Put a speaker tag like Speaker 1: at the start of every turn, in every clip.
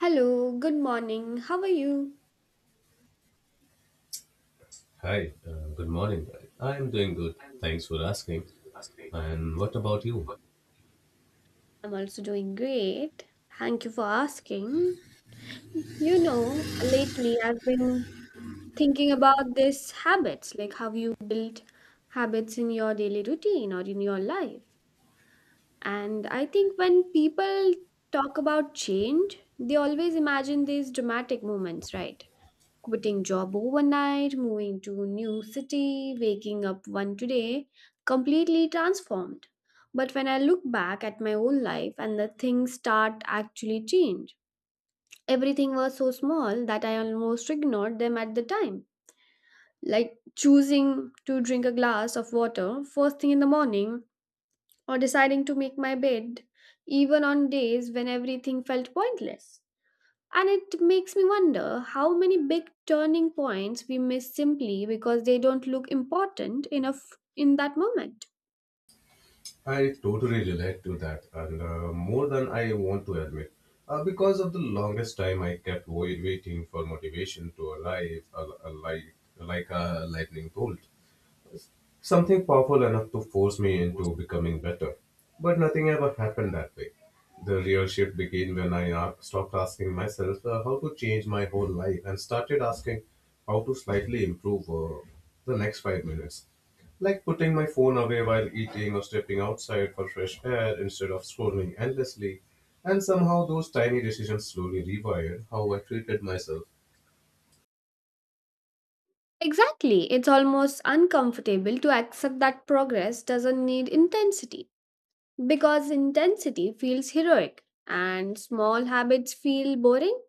Speaker 1: Hello, good morning. How are you?
Speaker 2: Hi, good morning. I am doing good. Thanks for asking. And what about you?
Speaker 1: I'm also doing great. Thank you for asking. You know, lately I've been thinking about this habits, like how you build habits in your daily routine or in your life. And I think when people talk about change, they always imagine these dramatic moments, right? Quitting job overnight, moving to new city, waking up one today, completely transformed. But when I look back at my whole life and the things start actually change, everything was so small that I almost ignored them at the time. Like choosing to drink a glass of water first thing in the morning or deciding to make my bed even on days when everything felt pointless. And it makes me wonder how many big turning points we miss simply because they don't look important enough in that moment.
Speaker 2: I totally relate to that, and more than I want to admit. Because of the longest time, I kept waiting for motivation to arrive, like a lightning bolt. Something powerful enough to force me into becoming better. But nothing ever happened that way. The real shift began when stopped asking myself how to change my whole life and started asking how to slightly improve the next 5 minutes. Like putting my phone away while eating or stepping outside for fresh air instead of scrolling endlessly. And somehow those tiny decisions slowly rewired how I treated myself.
Speaker 1: Exactly. It's almost uncomfortable to accept that progress doesn't need intensity because intensity feels heroic and small habits feel boring.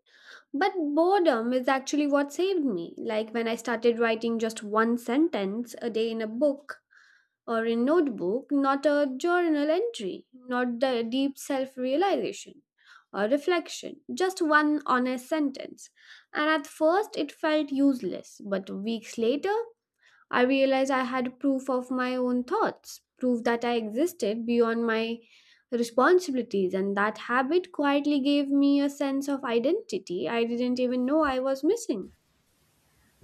Speaker 1: But boredom is actually what saved me. Like when I started writing just one sentence a day in a book or a notebook, not a journal entry, not the deep self realization or reflection, just one honest sentence. And at first, it felt useless, but weeks later, I realized I had proof of my own thoughts, proof that I existed beyond my responsibilities, and that habit quietly gave me a sense of identity I didn't even know I was missing.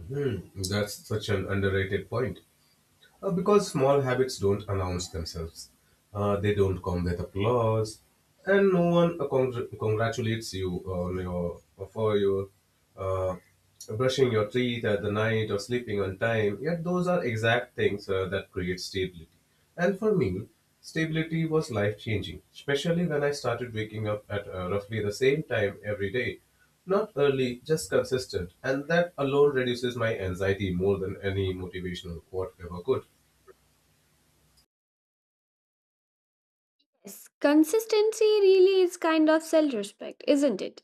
Speaker 2: Hmm, that's such an underrated point. Because small habits don't announce themselves, they don't come with applause, and no one congratulates you on your for your uh, brushing your teeth at the night or sleeping on time. Yet those are exact things that create stability. And for me, stability was life changing, especially when I started waking up at roughly the same time every day. Not early, just consistent, and that alone reduces my anxiety more than any motivational quote ever could.
Speaker 1: Yes, consistency really is kind of self respect, isn't it?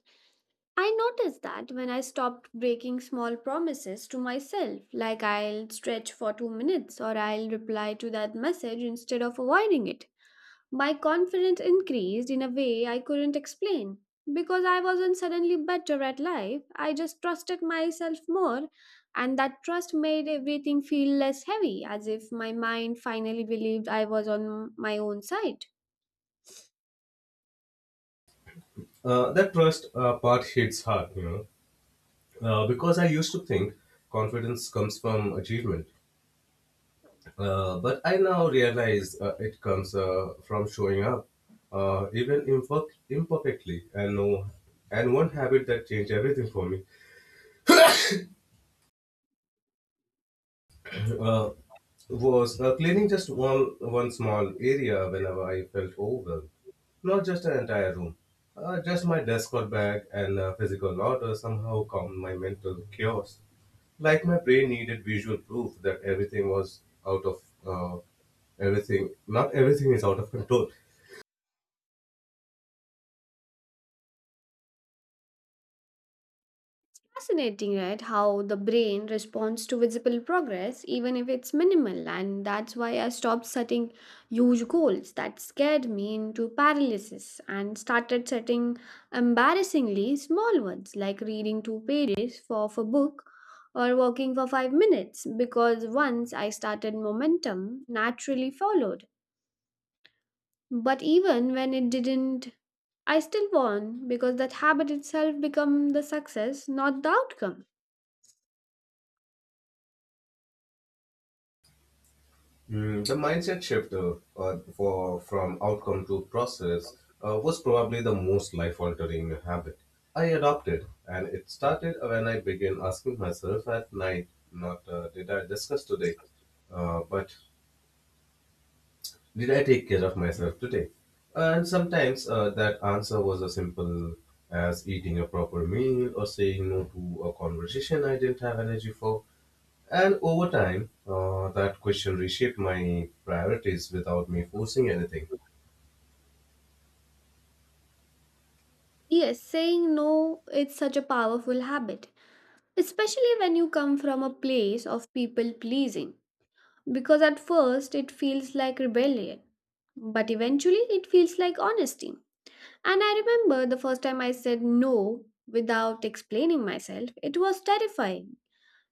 Speaker 1: I noticed that when I stopped breaking small promises to myself, like I'll stretch for 2 minutes or I'll reply to that message instead of avoiding it. My confidence increased in a way I couldn't explain. Because I wasn't suddenly better at life, I just trusted myself more, and that trust made everything feel less heavy, as if my mind finally believed I was on my own side.
Speaker 2: That trust part hits hard, you know, because I used to think confidence comes from achievement. But I now realize it comes from showing up, even imperfectly. And, no, and one habit that changed everything for me uh, was cleaning just one small area whenever I felt overwhelmed, not just an entire room. Just my desk or bag, and physical order somehow calmed my mental chaos. Like my brain needed visual proof that everything was out of everything not everything is out of control.
Speaker 1: Fascinating, right? How the brain responds to visible progress, even if it's minimal. And that's why I stopped setting huge goals that scared me into paralysis and started setting embarrassingly small ones, like reading two pages for of a book or walking for 5 minutes. Because once I started, momentum naturally followed. But even when it didn't, I still won because that habit itself became the success, not the outcome.
Speaker 2: Mm, the mindset shift for from outcome to process was probably the most life altering habit I adopted, and it started when I began asking myself at night, not did I discuss today, but did I take care of myself today? And sometimes that answer was as simple as eating a proper meal or saying no to a conversation I didn't have energy for. And over time, that question reshaped my priorities without me forcing anything.
Speaker 1: Yes, saying no is such a powerful habit, especially when you come from a place of people pleasing, because at first it feels like rebellion, but eventually it feels like honesty. And I remember the first time I said no without explaining myself, it was terrifying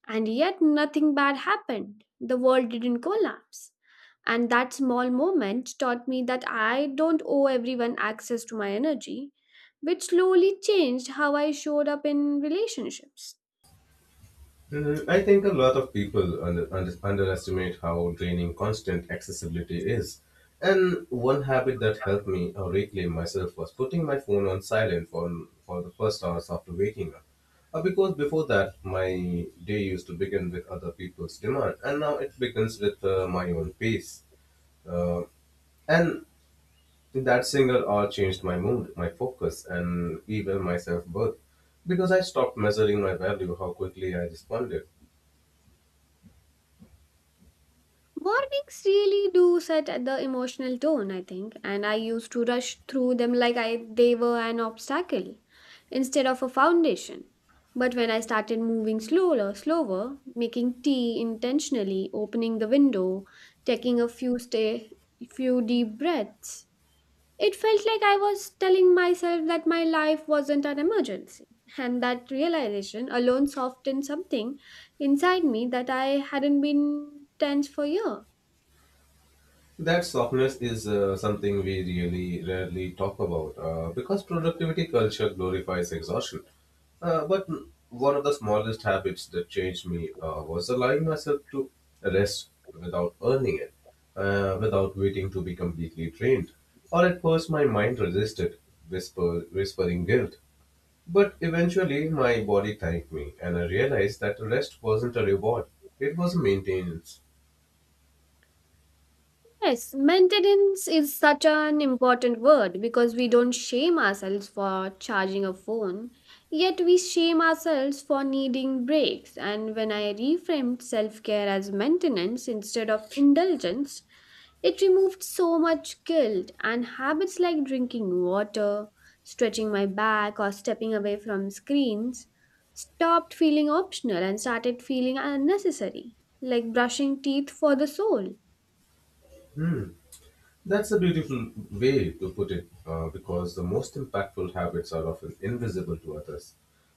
Speaker 1: and yet, nothing bad happened. The world didn't collapse. And that small moment taught me that I don't owe everyone access to my energy, which slowly changed how I showed up in relationships.
Speaker 2: Mm, I think a lot of people underestimate how draining constant accessibility is. And one habit that helped me reclaim myself was putting my phone on silent for the first hours after waking up. Because before that, my day used to begin with other people's demand, and now it begins with my own pace. Uh, and that single hour changed my mood, my focus, and even my self worth, because I stopped measuring my value how quickly I responded.
Speaker 1: Mornings really do set at the emotional tone, I think, and I used to rush through them like I they were an obstacle instead of a foundation. But when I started moving slower, making tea intentionally, opening the window, taking a few deep breaths, it felt like I was telling myself that my life wasn't an emergency. And that realization alone softened something inside me that I hadn't been tense for years.
Speaker 2: That softness is something we really rarely talk about because productivity culture glorifies exhaustion. But one of the smallest habits that changed me was allowing myself to rest without earning it, without waiting to be completely drained. Or at first, my mind resisted, whispering guilt. But eventually, my body thanked me, and I realized that rest wasn't a reward, it was a maintenance.
Speaker 1: Yes, maintenance is such an important word because we don't shame ourselves for charging a phone, yet we shame ourselves for needing breaks. And when I reframed self care as maintenance instead of indulgence, it removed so much guilt and habits like drinking water, stretching my back, or stepping away from screens stopped feeling optional and started feeling unnecessary, like brushing teeth for the soul.
Speaker 2: Hmm. That's a beautiful way to put it, because the most impactful habits are often invisible to others,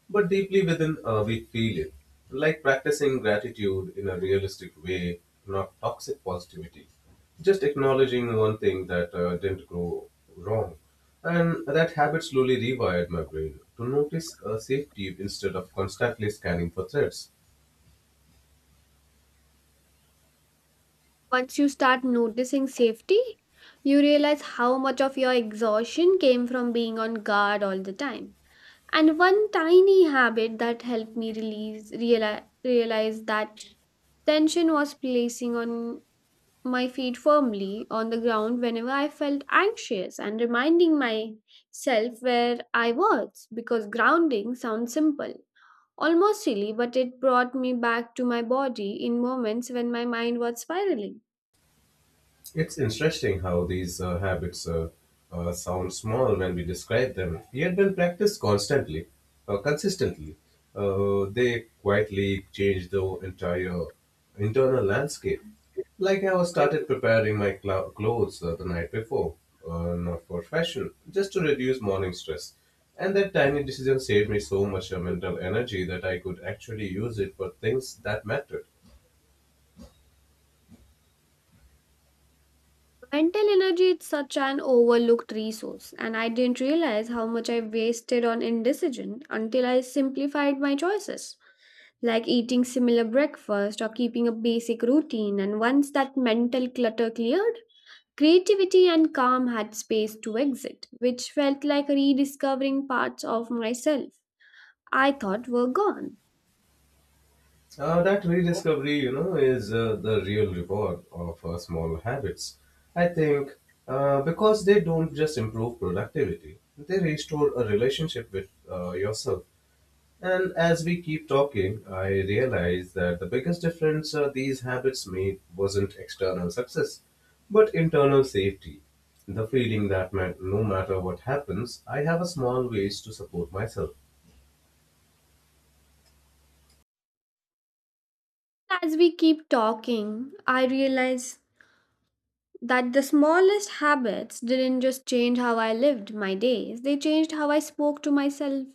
Speaker 2: but deeply within we feel it, like practicing gratitude in a realistic way, not toxic positivity. Just acknowledging one thing that didn't go wrong. And that habit slowly rewired my brain to notice safety instead of constantly scanning for threats.
Speaker 1: Once you start noticing safety, you realize how much of your exhaustion came from being on guard all the time. And one tiny habit that helped me realize that tension was placing on my feet firmly on the ground whenever I felt anxious and reminding myself where I was because grounding sounds simple. Almost silly, but it brought me back to my body in moments when my mind was spiraling.
Speaker 2: It's interesting how these habits sound small when we describe them, yet when practiced consistently, they quietly change the entire internal landscape. Like how I started preparing my clothes the night before, not for fashion, just to reduce morning stress. And that tiny decision saved me so much mental energy that I could actually use it for things that mattered.
Speaker 1: Mental energy is such an overlooked resource, and I didn't realize how much I wasted on indecision until I simplified my choices, like eating similar breakfast or keeping a basic routine. And once that mental clutter cleared, creativity and calm had space to exit, which felt like rediscovering parts of myself I thought were gone.
Speaker 2: That rediscovery, you know, is the real reward of small habits. I think because they don't just improve productivity, they restore a relationship with yourself. And as we keep talking, I realize that the biggest difference these habits made wasn't external success, but internal safety. The feeling that no matter what happens, I have a small ways to support myself.
Speaker 1: As we keep talking, I realize that the smallest habits didn't just change how I lived my days, they changed how I spoke to myself.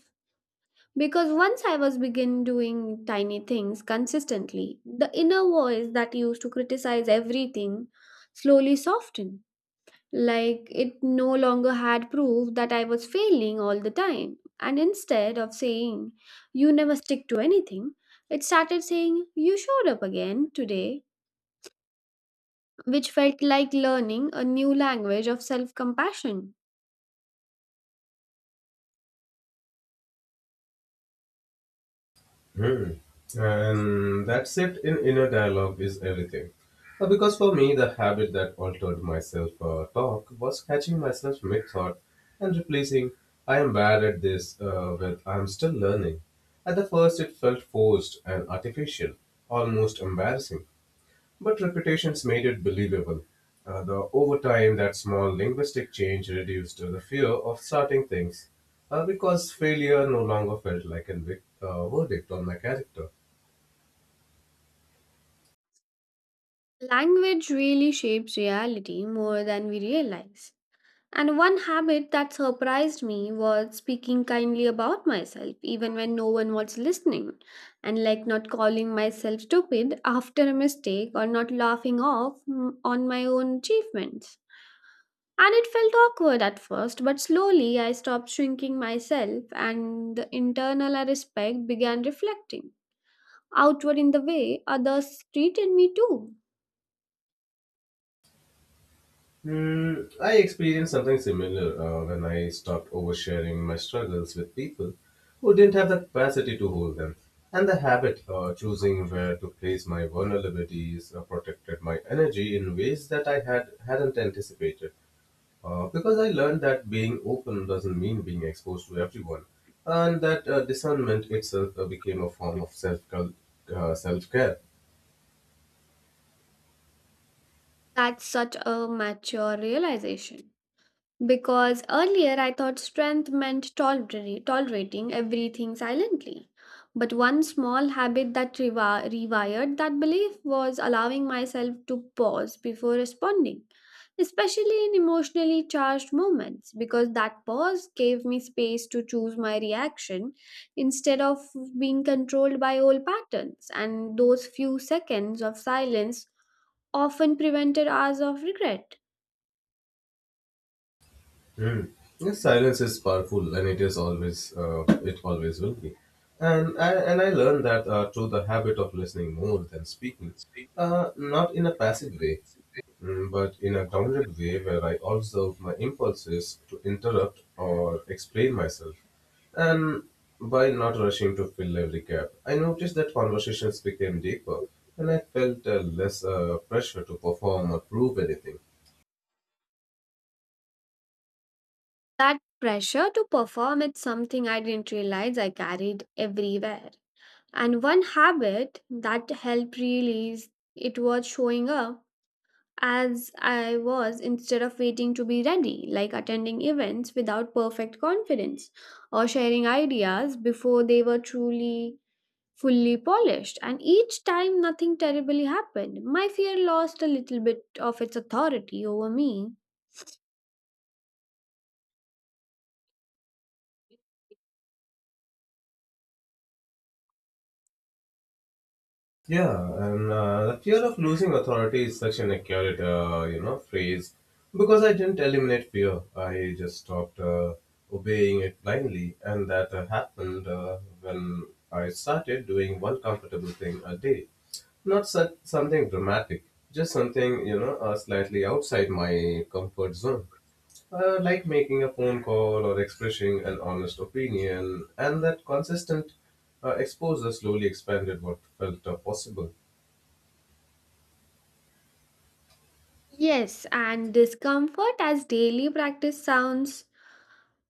Speaker 1: Because once I was begin doing tiny things consistently, the inner voice that used to criticize everything slowly softened. Like it no longer had proof that I was failing all the time. And instead of saying, you never stick to anything, it started saying, you showed up again today which felt like learning a new language of self compassion.
Speaker 2: Hmm. And that shift in inner dialogue is everything. Because for me, the habit that altered myself talk was catching myself mid thought and replacing I am bad at this with I am still learning. At the first, it felt forced and artificial, almost embarrassing. But repetitions made it believable. The Over time, that small linguistic change reduced the fear of starting things, because failure no longer felt like a verdict on my character.
Speaker 1: Language really shapes reality more than we realize. And one habit that surprised me was speaking kindly about myself, even when no one was listening, and like not calling myself stupid after a mistake or not laughing off on my own achievements. And it felt awkward at first, but slowly I stopped shrinking myself, and the internal I respect began reflecting outward in the way others treated me too.
Speaker 2: Hmm, I experienced something similar when I stopped oversharing my struggles with people who didn't have the capacity to hold them, and the habit of choosing where to place my vulnerabilities protected my energy in ways that I hadn't anticipated. Because I learned that being open doesn't mean being exposed to everyone, and that discernment itself became a form of self care.
Speaker 1: That's such a mature realization. Because earlier I thought strength meant tolerating everything silently. But one small habit that rewired that belief was allowing myself to pause before responding, especially in emotionally charged moments, because that pause gave me space to choose my reaction instead of being controlled by old patterns. And those few seconds of silence often prevented hours of regret.
Speaker 2: Hmm. Yes, silence is powerful, and it always will be. And I learned that through the habit of listening more than speaking, not in a passive way, mm, but in a grounded way where I observe my impulses to interrupt or explain myself. And by not rushing to fill every gap, I noticed that conversations became deeper, and I felt less pressure to perform or prove anything.
Speaker 1: That pressure to perform is something I didn't realize I carried everywhere. And one habit that helped release it was showing up as I was instead of waiting to be ready, like attending events without perfect confidence or sharing ideas before they were truly fully polished. And each time nothing terribly happened, my fear lost a little bit of its authority over me.
Speaker 2: Yeah, and the fear of losing authority is such an accurate, you know, phrase, because I didn't eliminate fear. I just stopped obeying it blindly, and that happened when I started doing one comfortable thing a day. Not such something dramatic, just something, you know, slightly outside my comfort zone. Like making a phone call or expressing an honest opinion, and that consistent exposure slowly expanded what felt possible.
Speaker 1: Yes, and discomfort as daily practice sounds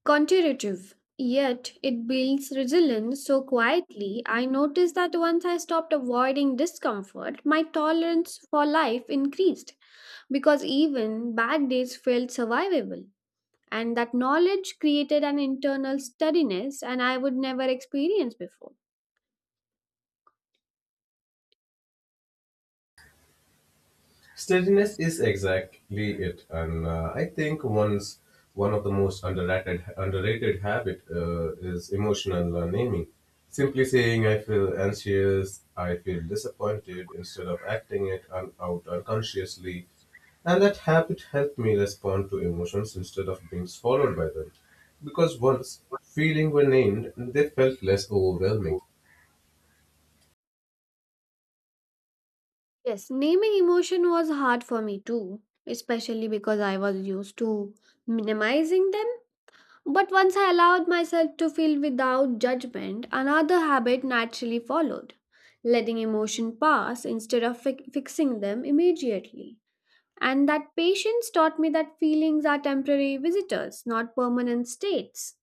Speaker 1: counterintuitive, yet it builds resilience so quietly. I noticed that once I stopped avoiding discomfort, my tolerance for life increased because even bad days felt survivable. And that knowledge created an internal steadiness, and I would never experience before.
Speaker 2: Steadiness is exactly it, and I think one of the most underrated habit is emotional naming. Simply saying I feel anxious, I feel disappointed, instead of acting it out unconsciously, and that habit helped me respond to emotions instead of being swallowed by them. Because once feeling were named, they felt less overwhelming.
Speaker 1: Yes, naming emotion was hard for me too, especially because I was used to minimizing them. But once I allowed myself to feel without judgment, another habit naturally followed letting emotion pass instead of fixing them immediately. And that patience taught me that feelings are temporary visitors, not permanent states.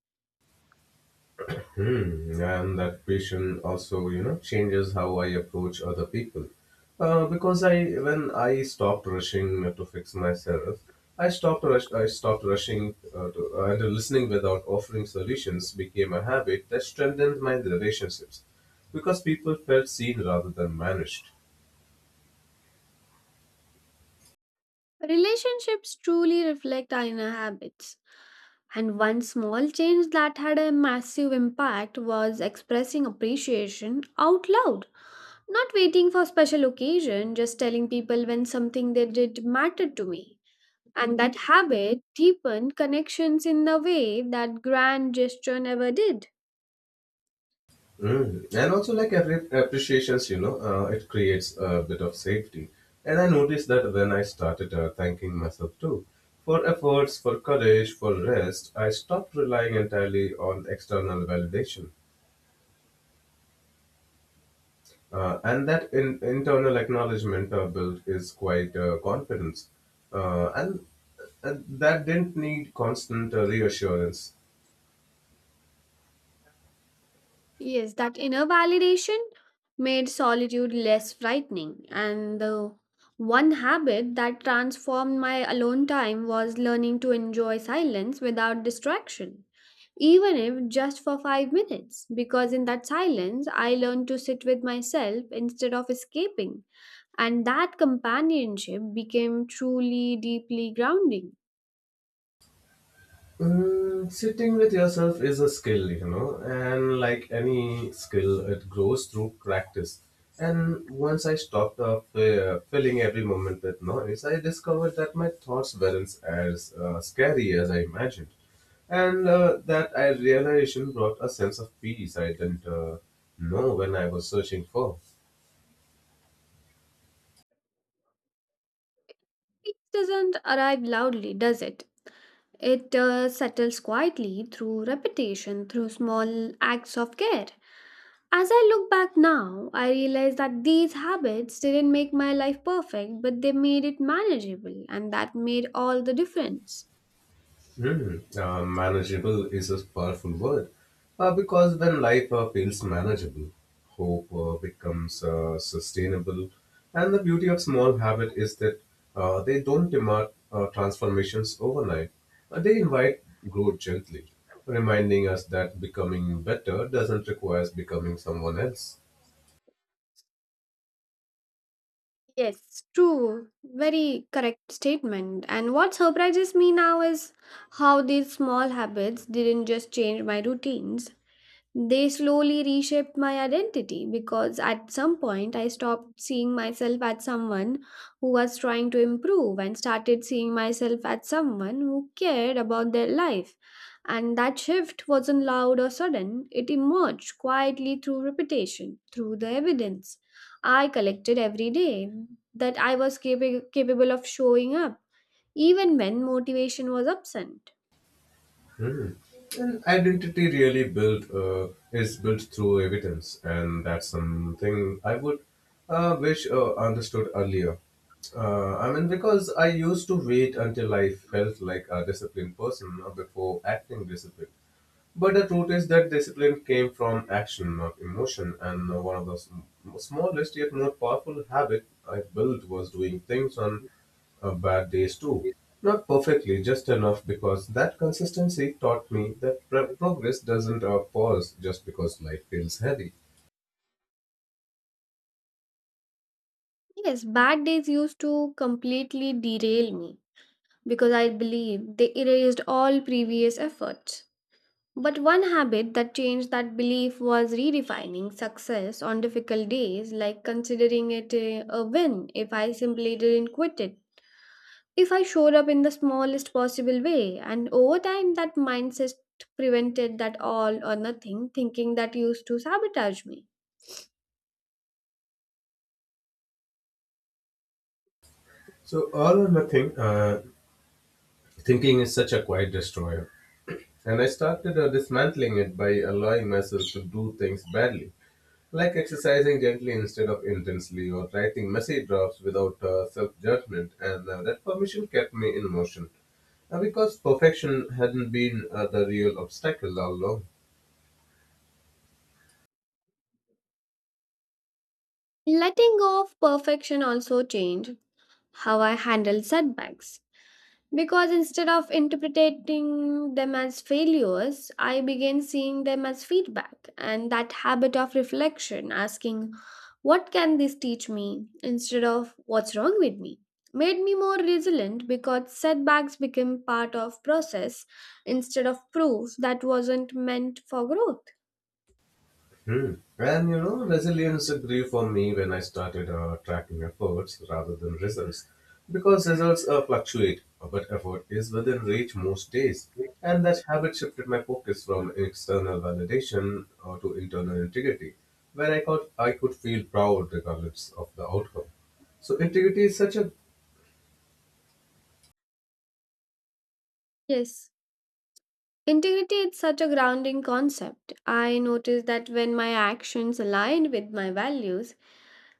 Speaker 2: Hmm. And that passion also, you know, changes how I approach other people. Because I, when I stopped rushing to fix myself, I stopped rushing and listening without offering solutions became a habit that strengthened my relationships, because people felt seen rather than managed.
Speaker 1: Relationships truly reflect our inner habits. And one small change that had a massive impact was expressing appreciation out loud. Not waiting for special occasion, just telling people when something they did mattered to me. And that habit deepened connections in the way that grand gesture never did.
Speaker 2: Mm. And also, like every appreciations, you know, it creates a bit of safety. And I noticed that when I started thanking myself too for efforts, for courage, for rest, I stopped relying entirely on external validation. And that internal acknowledgement built is quite confidence. Uh, and, and that didn't need constant reassurance.
Speaker 1: Yes, that inner validation made solitude less frightening. And the one habit that transformed my alone time was learning to enjoy silence without distraction, even if just for 5 minutes, because in that silence I learned to sit with myself instead of escaping. And that companionship became truly deeply grounding.
Speaker 2: Mm, sitting with yourself is a skill, you know, and like any skill, it grows through practice. And once I stopped filling every moment with noise, I discovered that my thoughts weren't as scary as I imagined. And that I realization brought a sense of peace I didn't know when I was searching for.
Speaker 1: It doesn't arrive loudly, does it? It settles quietly through repetition, through small acts of care. As I look back now, I realize that these habits didn't make my life perfect, but they made it manageable, and that made all the difference.
Speaker 2: Mm, manageable is a powerful word because when life feels manageable, hope becomes sustainable. And the beauty of small habit is that they don't demand transformations overnight. They invite growth gently, reminding us that becoming better doesn't require becoming someone else.
Speaker 1: Yes, true. Very correct statement. And what surprises me now is how these small habits didn't just change my routines, they slowly reshaped my identity because at some point I stopped seeing myself as someone who was trying to improve and started seeing myself as someone who cared about their life. And that shift wasn't loud or sudden, it emerged quietly through repetition, through the evidence I collected every day that I was capable of showing up, even when motivation was absent.
Speaker 2: An identity really built is built through evidence, and that's something I would wish understood earlier. I mean, because I used to wait until I felt like a disciplined person before acting disciplined. But the truth is that discipline came from action, not emotion. And one of the smallest yet most powerful habit I built was doing things on bad days too. Not perfectly, just enough, because that consistency taught me that progress doesn't pause just because life feels heavy.
Speaker 1: Yes, bad days used to completely derail me because I believe they erased all previous efforts. But one habit that changed that belief was redefining success on difficult days, like considering it a win if I simply didn't quit it, if I showed up in the smallest possible way. And over time, that mindset prevented that all or nothing thinking that used to sabotage me.
Speaker 2: So all or nothing thinking is such a quiet destroyer. And I started dismantling it by allowing myself to do things badly, like exercising gently instead of intensely, or writing messy drafts without self judgment, and that permission kept me in motion. Because perfection hadn't been the real obstacle all along.
Speaker 1: Letting go of perfection also changed how I handle setbacks. Because instead of interpreting them as failures, I began seeing them as feedback and that habit of reflection, asking, what can this teach me? Instead of what's wrong with me? Made me more resilient because setbacks became part of process instead of proof that wasn't meant for growth.
Speaker 2: Hmm. And you know, resilience grew for me when I started tracking efforts rather than results. Because results fluctuate, but effort is within reach most days. And that habit shifted my focus from external validation to internal integrity, where I could feel proud regardless of the outcome. So, integrity is such a.
Speaker 1: Yes. Integrity is such a grounding concept. I noticed that when my actions aligned with my values,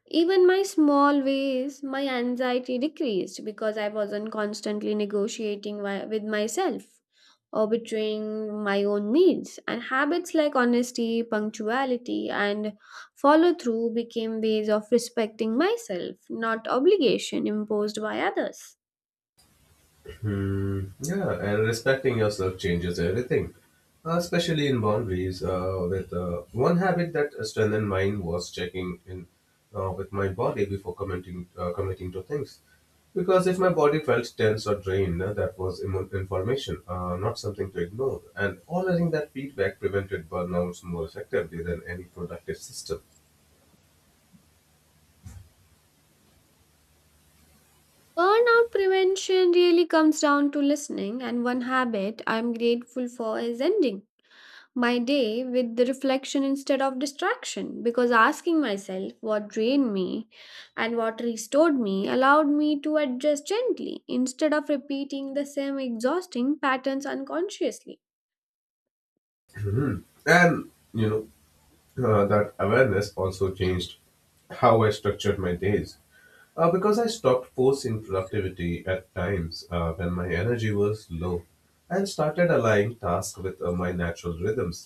Speaker 1: even my small ways, my anxiety decreased because I wasn't constantly negotiating with myself or betraying my own needs. And habits like honesty, punctuality, and follow through became ways of respecting myself, not obligation imposed by others.
Speaker 2: Hmm. Yeah, and respecting yourself changes everything, especially in boundaries. With one habit that strengthened mine was checking in with my body before committing to things, because if my body felt tense or drained, that was information, not something to ignore. And honoring that feedback prevented burnouts more effectively than any productive system.
Speaker 1: Burnout prevention really comes down to listening, and one habit I'm grateful for is ending my day with the reflection instead of distraction because asking myself what drained me and what restored me allowed me to adjust gently instead of repeating the same exhausting patterns unconsciously.
Speaker 2: Mhm. And that awareness also changed how I structured my days. Because I stopped forcing productivity at times when my energy was low and started aligning tasks with my natural rhythms.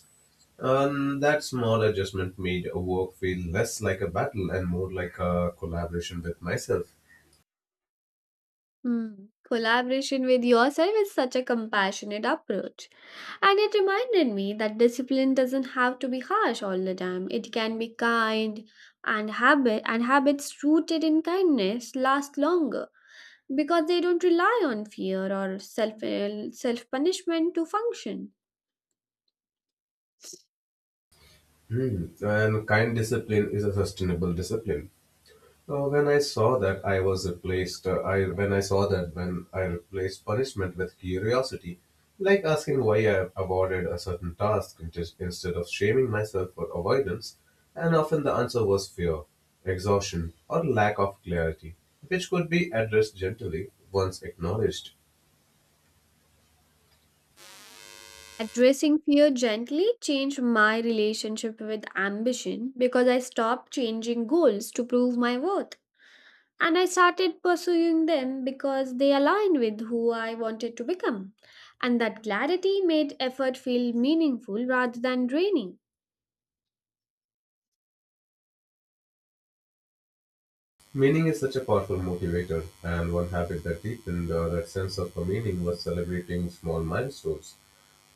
Speaker 2: That small adjustment made a work feel less like a battle and more like a collaboration with myself.
Speaker 1: Hmm. Collaboration with yourself is such a compassionate approach. And it reminded me that discipline doesn't have to be harsh all the time. It can be kind and habits rooted in kindness last longer because they don't rely on fear or self punishment to function.
Speaker 2: Hmm. And kind discipline is a sustainable discipline. When I saw that I was replaced, I When I saw that when I replaced punishment with curiosity, like asking why I avoided a certain task instead of shaming myself for avoidance, and often the answer was fear, exhaustion, or lack of clarity, which could be addressed gently once acknowledged.
Speaker 1: Addressing fear gently changed my relationship with ambition because I stopped changing goals to prove my worth. And I started pursuing them because they aligned with who I wanted to become. And that clarity made effort feel meaningful rather than draining.
Speaker 2: Meaning is such a powerful motivator, and one habit that deepened that sense of a meaning was celebrating small milestones.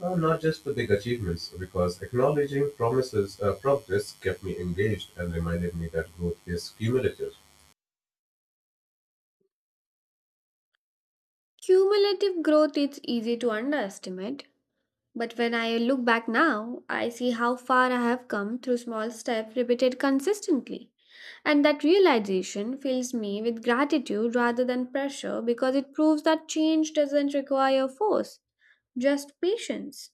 Speaker 2: Not just the big achievements, because acknowledging promises, progress kept me engaged and reminded me that growth is cumulative.
Speaker 1: Cumulative growth is easy to underestimate. But when I look back now, I see how far I have come through small steps repeated consistently. And that realization fills me with gratitude rather than pressure because it proves that change doesn't require force, just patience.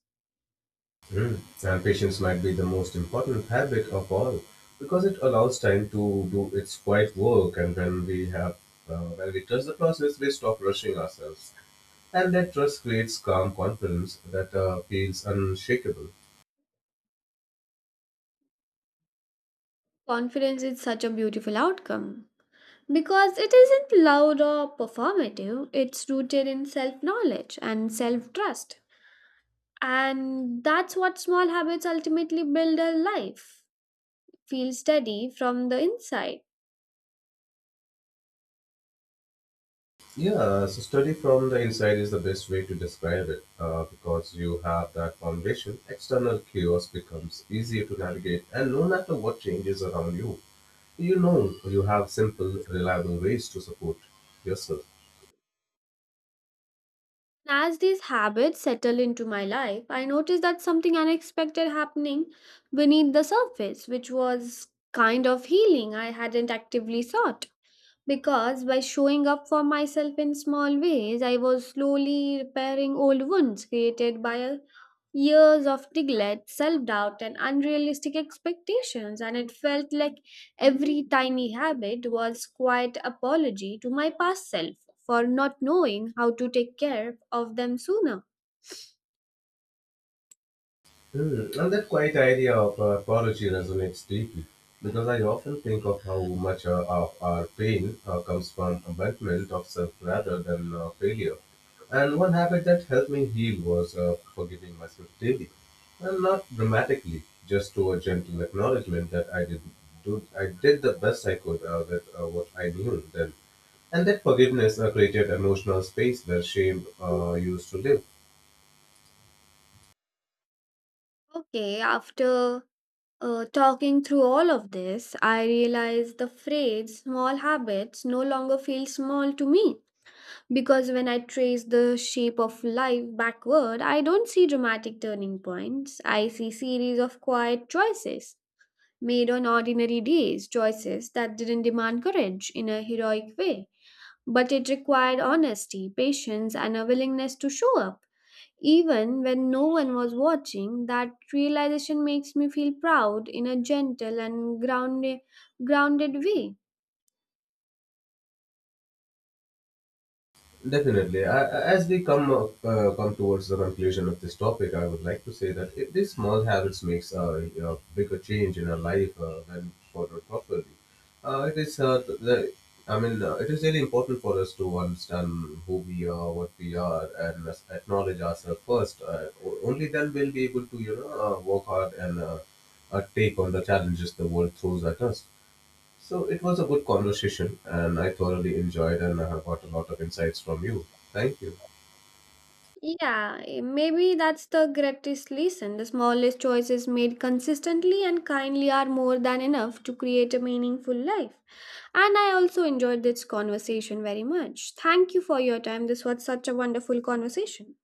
Speaker 2: Mm. And patience might be the most important habit of all, because it allows time to do its quiet work. And when we trust the process, we stop rushing ourselves. And that trust creates calm confidence that feels unshakable.
Speaker 1: Confidence is such a beautiful outcome. Because it isn't loud or performative, it's rooted in self knowledge and self trust. And that's what small habits ultimately build a life. Feel steady from the inside.
Speaker 2: Yeah, so study from the inside is the best way to describe it because you have that foundation. External chaos becomes easier to navigate, and no matter what changes around you, you know you have simple, reliable ways to support yourself.
Speaker 1: As these habits settle into my life, I noticed that something unexpected happening beneath the surface, which was kind of healing I hadn't actively sought. Because by showing up for myself in small ways, I was slowly repairing old wounds created by a years of neglect, self doubt, and unrealistic expectations, and it felt like every tiny habit was quite apology to my past self for not knowing how to take care of them sooner.
Speaker 2: Hmm. And that quiet idea of apology resonates deeply because I often think of how much of our pain comes from abandonment of self rather than failure. And one habit that helped me heal was forgiving myself daily, and not dramatically, just to a gentle acknowledgement that I did the best I could with what I knew then. And that forgiveness created emotional space where shame used to live.
Speaker 1: Okay, after talking through all of this, I realized the phrase small habits no longer feels small to me because when I trace the shape of life backward, I don't see dramatic turning points. I see series of quiet choices made on ordinary days, choices that didn't demand courage in a heroic way, but it required honesty, patience, and a willingness to show up. Even when no one was watching, that realization makes me feel proud in a gentle and grounded way.
Speaker 2: Definitely. As we come up, come towards the conclusion of this topic, I would like to say that if these small habits makes a bigger change in our life when followed properly. It is the, I mean, It is really important for us to understand who we are, what we are, and acknowledge ourselves first. Only then we'll be able to, you know, work hard and take on the challenges the world throws at us. So it was a good conversation and I thoroughly enjoyed and I have got a lot of insights from you. Thank you.
Speaker 1: Yeah, maybe that's the greatest lesson. The smallest choices made consistently and kindly are more than enough to create a meaningful life. And I also enjoyed this conversation very much. Thank you for your time. This was such a wonderful conversation.